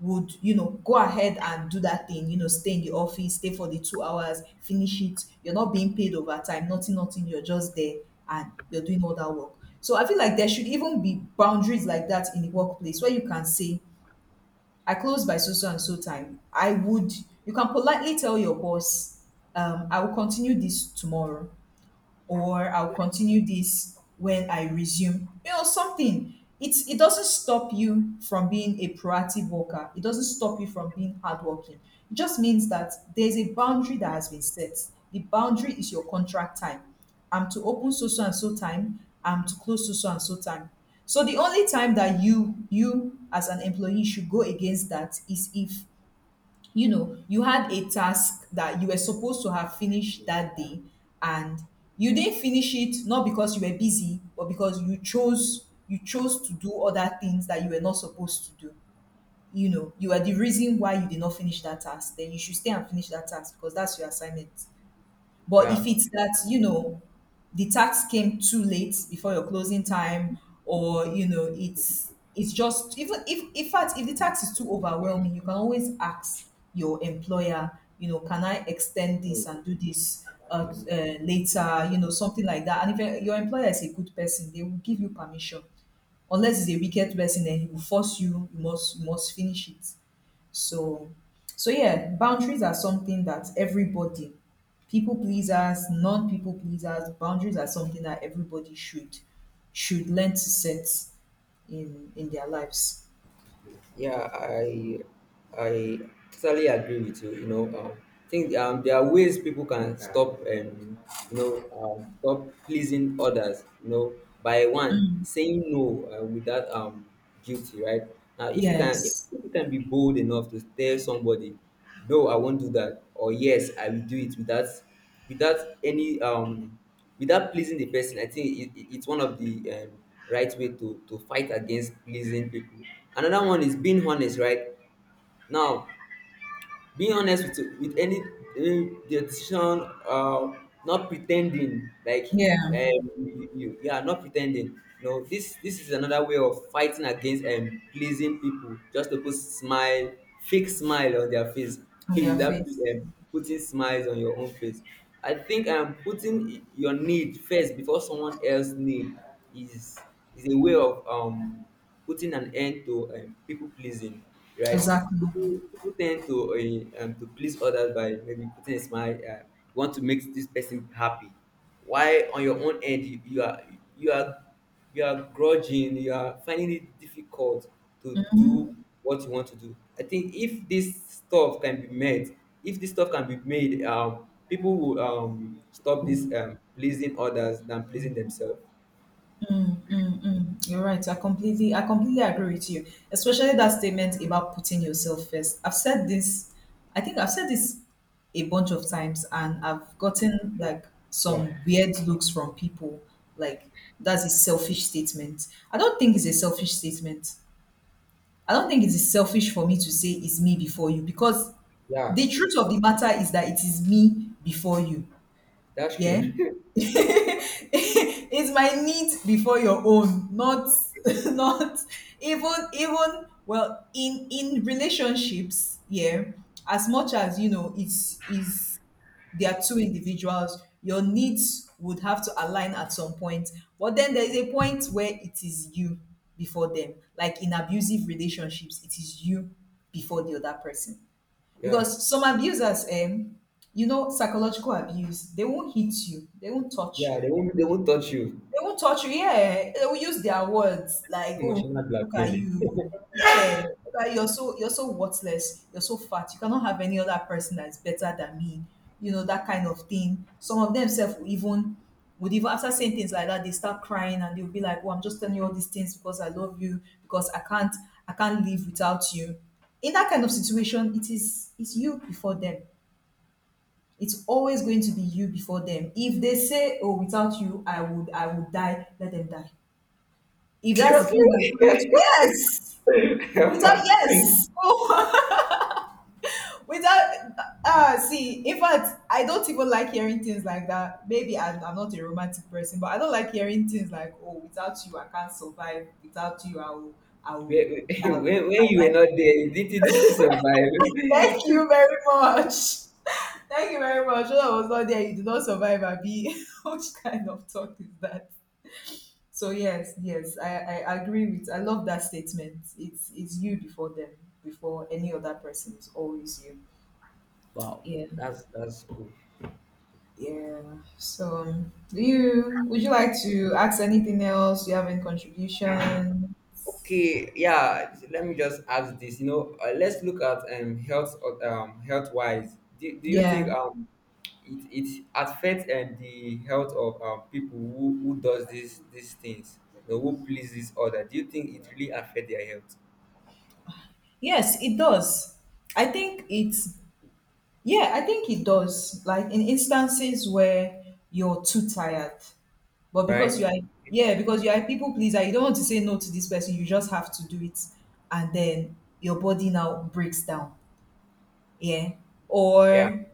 Speaker 1: would you know, go ahead and do that thing, you know, stay in the office, stay for the two hours, finish it. You're not being paid overtime, nothing, nothing. You're just there and you're doing all that work. So I feel like there should even be boundaries like that in the workplace where you can say, I close by so so and so time. I would, you can politely tell your boss, um, I will continue this tomorrow or I'll continue this when I resume. You know, something. It's it doesn't stop you from being a proactive worker. It doesn't stop you from being hardworking. It just means that there's a boundary that has been set. The boundary is your contract time. I'm to open so so and so time. I'm to close so so and so time. So the only time that you you as an employee should go against that is if you know you had a task that you were supposed to have finished that day and you didn't finish it not because you were busy but because you chose you chose to do other things that you were not supposed to do. You know, you are the reason why you did not finish that task, then you should stay and finish that task because that's your assignment. But
Speaker 2: Yeah,
Speaker 1: if it's that, you know, the tax came too late before your closing time, or, you know, it's it's just, even if in fact if the tax is too overwhelming, you can always ask your employer, you know, can I extend this and do this uh, uh, later, you know, something like that. And if your employer is a good person, they will give you permission unless it's a wicked person, then he will force you. You must, you must finish it. So, so yeah, boundaries are something that everybody, people pleasers, non-people pleasers, boundaries are something that everybody should should learn to set in in their lives.
Speaker 2: yeah, I I totally agree with you. You know, um, I think, um, there are ways people can stop, um, you know, um, stop pleasing others. You know, by one saying no, uh, without, um guilty, right? Now, if you can, if,
Speaker 1: Yes.
Speaker 2: if you can be bold enough to tell somebody no, I won't do that, or yes, I will do it without without any, um without pleasing the person. I think it, it, it's one of the, um, right way to to fight against pleasing people. Another one is being honest, right? Now, being honest with with any, uh, their decision, uh, not pretending like,
Speaker 1: Yeah.
Speaker 2: um, you, you yeah, not pretending. No, this this is another way of fighting against, and, um, pleasing people just to put smile, fake smile on their face. [LAUGHS]
Speaker 1: On
Speaker 2: Is
Speaker 1: their
Speaker 2: that,
Speaker 1: faith.
Speaker 2: um, putting smiles on your own face? I think, um, putting your need first before someone else's need is is a way of, um putting an end to, um, people pleasing, right?
Speaker 1: Exactly.
Speaker 2: People, people tend to, uh, um, to please others by maybe putting a smile. Uh, you want to make this person happy. Why on your own end you, you are you are you are grudging. You are finding it difficult to do what you want to do. I think if this stuff can be made, if this stuff can be made, um, people will, um, stop this, um, pleasing others than pleasing themselves.
Speaker 1: Mm, mm, mm. You're right. I completely, I completely agree with you, especially that statement about putting yourself first. I've said this, I think I've said this a bunch of times, and I've gotten like
Speaker 2: Yeah,
Speaker 1: some weird looks from people. Like that's a selfish statement. I don't think it's a selfish statement. I don't think it is selfish for me to say it's me before you because
Speaker 2: yeah,
Speaker 1: the truth of the matter is that it is me before you.
Speaker 2: that's
Speaker 1: Yeah.
Speaker 2: true.
Speaker 1: [LAUGHS] It's my needs before your own, not [LAUGHS] not even even, well, in in relationships, yeah. As much as you know, it's is they are two individuals, your needs would have to align at some point. But then there is a point where it is you before them. Like in abusive relationships, it is you before the other person.
Speaker 2: [LAUGHS] Yeah.
Speaker 1: Because some abusers, um, you know, psychological abuse, they won't hit you, they won't touch
Speaker 2: Yeah, they
Speaker 1: you.
Speaker 2: won't they won't touch you.
Speaker 1: They won't touch you. Yeah, they will use their words like, "Oh,
Speaker 2: Emotional
Speaker 1: look at
Speaker 2: blackmailing.
Speaker 1: you. Yeah, look at you. You're so you're so worthless. You're so fat. You cannot have any other person that's better than me." You know that kind of thing. Some of themselves will even would even after saying things like that, they start crying and they'll be like, "Oh, I'm just telling you all these things because I love you. Because I can't I can't live without you." In that kind of situation, it is it's you before them. It's always going to be you before them. If they say, "Oh, without you, I would, I would die," let them die.
Speaker 2: [LAUGHS]
Speaker 1: If that's the
Speaker 2: Seriously?
Speaker 1: thing that's going to, yes,
Speaker 2: [LAUGHS]
Speaker 1: without,
Speaker 2: when,
Speaker 1: yes, [LAUGHS] oh, without, ah, see. In fact, I don't even like hearing things like that. Maybe I, I'm not a romantic person, but I don't like hearing things like, "Oh, without you, I can't survive. Without you, I will, I will, I will
Speaker 2: when, when you
Speaker 1: my
Speaker 2: were
Speaker 1: life."
Speaker 2: not there, you didn't
Speaker 1: Thank
Speaker 2: survive.
Speaker 1: you
Speaker 2: [LAUGHS]
Speaker 1: very much. Thank you very much. When I was not there, you did not survive, Abi. [LAUGHS] Which kind of talk is that? So yes, yes, I, I agree with. I love that statement. It's it's you before them, before any other person. It's always you.
Speaker 2: Wow,
Speaker 1: Yeah.
Speaker 2: that's that's cool.
Speaker 1: Yeah. So um, do you would you like to ask anything else? Do you have any contribution?
Speaker 2: Okay, yeah. Let me just ask this. You know, uh, let's look at um health um health wise. Do, do you think
Speaker 1: Yeah.
Speaker 2: um it it affects uh, the health of um, people who, who does these these things, you know, who please this order. Do you think it really affects their health?
Speaker 1: Yes, it does. I think it's. Yeah, I think it does. Like in instances where you're too tired, but because you
Speaker 2: Right?
Speaker 1: are, yeah, because you are a people pleaser, you don't want to say no to this person, you just have to do it. And then your body now breaks down, yeah,
Speaker 2: Yeah.
Speaker 1: or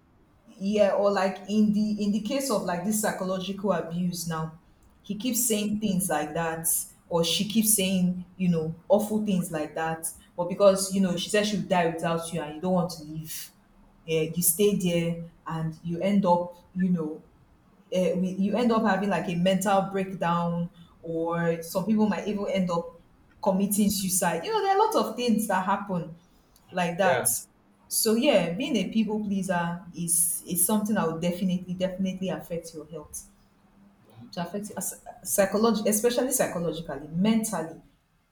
Speaker 1: yeah or like in the in the case of like this psychological abuse now he keeps saying things like that or she keeps saying, you know, awful things like that, but because you know she said she would die without you and you don't want to leave, yeah, you stay there and you end up, you know, eh, we, you end up having like a mental breakdown, or some people might even end up committing suicide. You know, there are a lot of things that happen like
Speaker 2: Yeah.
Speaker 1: that. So yeah, being a people pleaser is is something that will definitely, definitely affect your health. To affect psychologically, especially psychologically, mentally,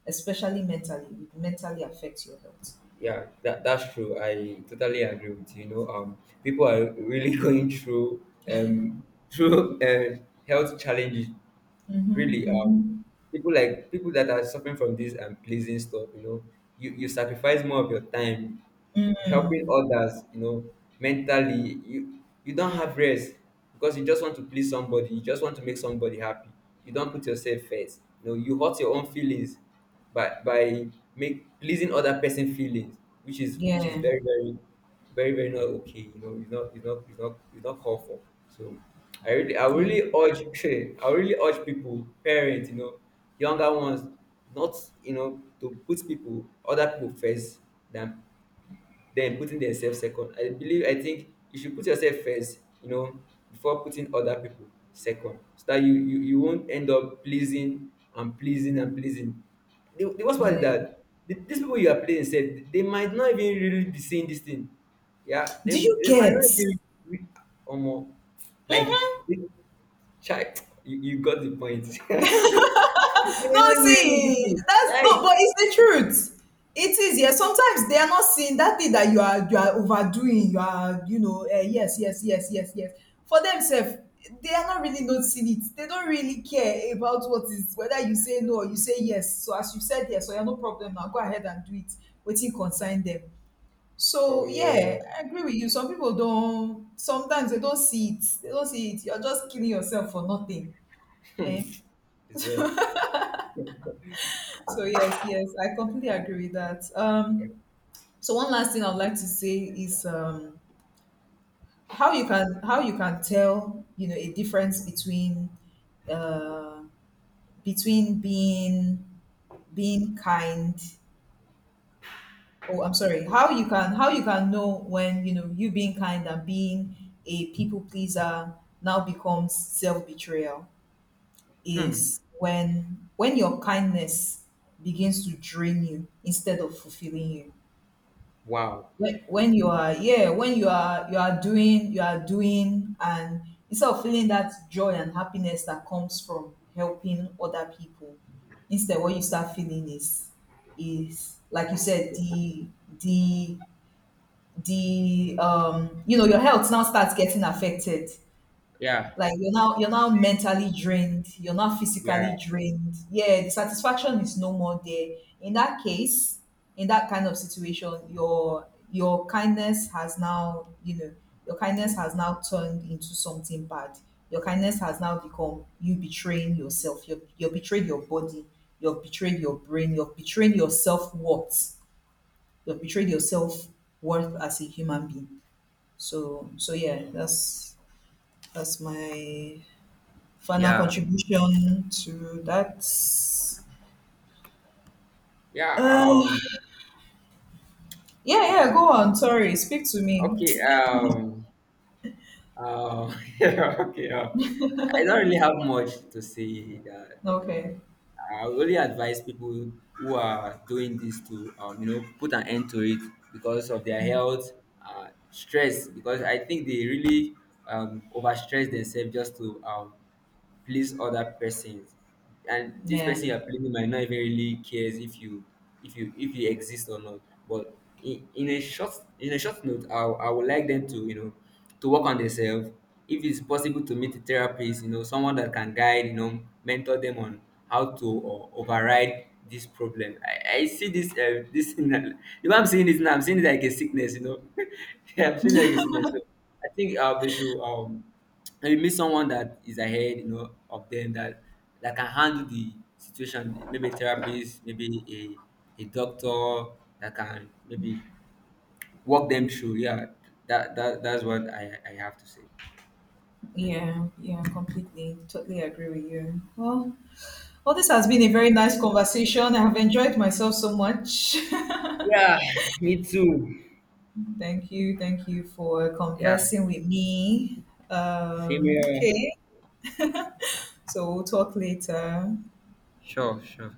Speaker 1: especially mentally, it would mentally affects your health.
Speaker 2: Yeah, that, that's true. I totally agree with you. You know, um, people are really [LAUGHS] going through um through [LAUGHS] uh, health challenges.
Speaker 1: Mm-hmm,
Speaker 2: Really, um,
Speaker 1: mm-hmm.
Speaker 2: people like people that are suffering from this and pleasing stuff. You know, you you sacrifice more of your time helping others, you know, mentally, you you don't have rest because you just want to please somebody, you just want to make somebody happy. You don't put yourself first. You know, you hurt your own feelings by by make pleasing other person feelings, which is which is
Speaker 1: Yeah,
Speaker 2: very very very very not okay. You know, it's not it's not it's not it's not called for. So I really I
Speaker 1: yeah,
Speaker 2: really urge [LAUGHS] I really urge people, parents, you know, younger ones, not you know to put people other people first than then putting themselves second. I believe I think you should put yourself first, you know, before putting other people second. So that you you, you won't end up pleasing and pleasing and pleasing. The, the worst part is
Speaker 1: yeah.
Speaker 2: that the, these people you are pleasing said they might not even really be seeing this thing. Yeah, they,
Speaker 1: Do you
Speaker 2: they might
Speaker 1: get?
Speaker 2: not be re- or more like child. You, you got the point. [LAUGHS] They
Speaker 1: No,
Speaker 2: might not be really this
Speaker 1: see,
Speaker 2: thing.
Speaker 1: that's
Speaker 2: Like
Speaker 1: no, but it's the truth. It is, yes. Sometimes they are not seeing that thing that you are you are overdoing. You are, you know, uh, yes, yes, yes, yes, yes. For themselves, they are not really noticing it. They don't really care about what is, whether you say no or you say yes. So as you said yes, so you have no problem now. Go ahead and do it. Waiting concern them.
Speaker 2: oh
Speaker 1: So
Speaker 2: yeah,
Speaker 1: yeah, I agree with you. Some people don't. Sometimes they don't see it. They don't see it. You're just killing yourself for nothing.
Speaker 2: [LAUGHS] here,
Speaker 1: Eh?
Speaker 2: it's there.
Speaker 1: So yes, yes, I completely agree with that.
Speaker 2: Yeah.
Speaker 1: Um, so one last thing I'd like to say is um, how you can how you can tell, you know, a difference between uh, between being being kind. Oh, I'm sorry. How you can how you can know when, you know, you being kind and being a people pleaser now becomes self betrayal
Speaker 2: Hmm.
Speaker 1: is when when your kindness begins to drain you instead of fulfilling you
Speaker 2: Wow.
Speaker 1: when, when you are, yeah, when you are you are doing you are doing and instead of feeling that joy and happiness that comes from helping other people, instead what you start feeling is is like you said, the the the um you know your health now starts getting affected
Speaker 2: Yeah.
Speaker 1: like you're now you're now mentally drained, you're not physically
Speaker 2: Yeah.
Speaker 1: drained. Yeah, the satisfaction is no more there. In that case, in that kind of situation, your your kindness has now, you know, your kindness has now turned into something bad. Your kindness has now become you betraying yourself. You've you've betrayed your body, you've betrayed your brain, you've betrayed your self-worth, you've betrayed your self-worth as a human being. So so yeah, that's that's my final
Speaker 2: yeah
Speaker 1: contribution to that.
Speaker 2: yeah
Speaker 1: Uh,
Speaker 2: um
Speaker 1: yeah, yeah, go on. Sorry, speak to me.
Speaker 2: Okay. um um [LAUGHS] yeah, okay, um, I don't really have much to say that uh,
Speaker 1: Okay.
Speaker 2: I would only advise people who are doing this to um you know put an end to it because of their health, uh stress, because I think they really um overstress themselves just to um please other persons, and this
Speaker 1: Yeah,
Speaker 2: person you're pleasing might not even really cares if you if you if you exist or not. But in, in a short in a short note I, I would like them to you know to work on themselves. If it's possible, to meet a therapist, you know, someone that can guide, you know, mentor them on how to o- override this problem. i, I see this uh, this [LAUGHS] thing the way I'm seeing it now, I'm seeing it like a sickness, you know, [LAUGHS] yeah, I'm seeing it like a sickness. So I think uh, they should um and you meet someone that is ahead, you know, of them that that can handle the situation. Maybe a therapist, maybe a, a doctor that can maybe walk them through. Yeah, that, that that's what I, I have to say.
Speaker 1: yeah, yeah, completely. Totally agree with you. Well, well, this has been a very nice conversation. I have enjoyed myself so much.
Speaker 2: Yeah, me too.
Speaker 1: [LAUGHS] Thank you, thank you for
Speaker 2: Yeah,
Speaker 1: conversing with me.
Speaker 2: same
Speaker 1: Um,
Speaker 2: here.
Speaker 1: okay, so we'll talk later.
Speaker 2: Sure, sure.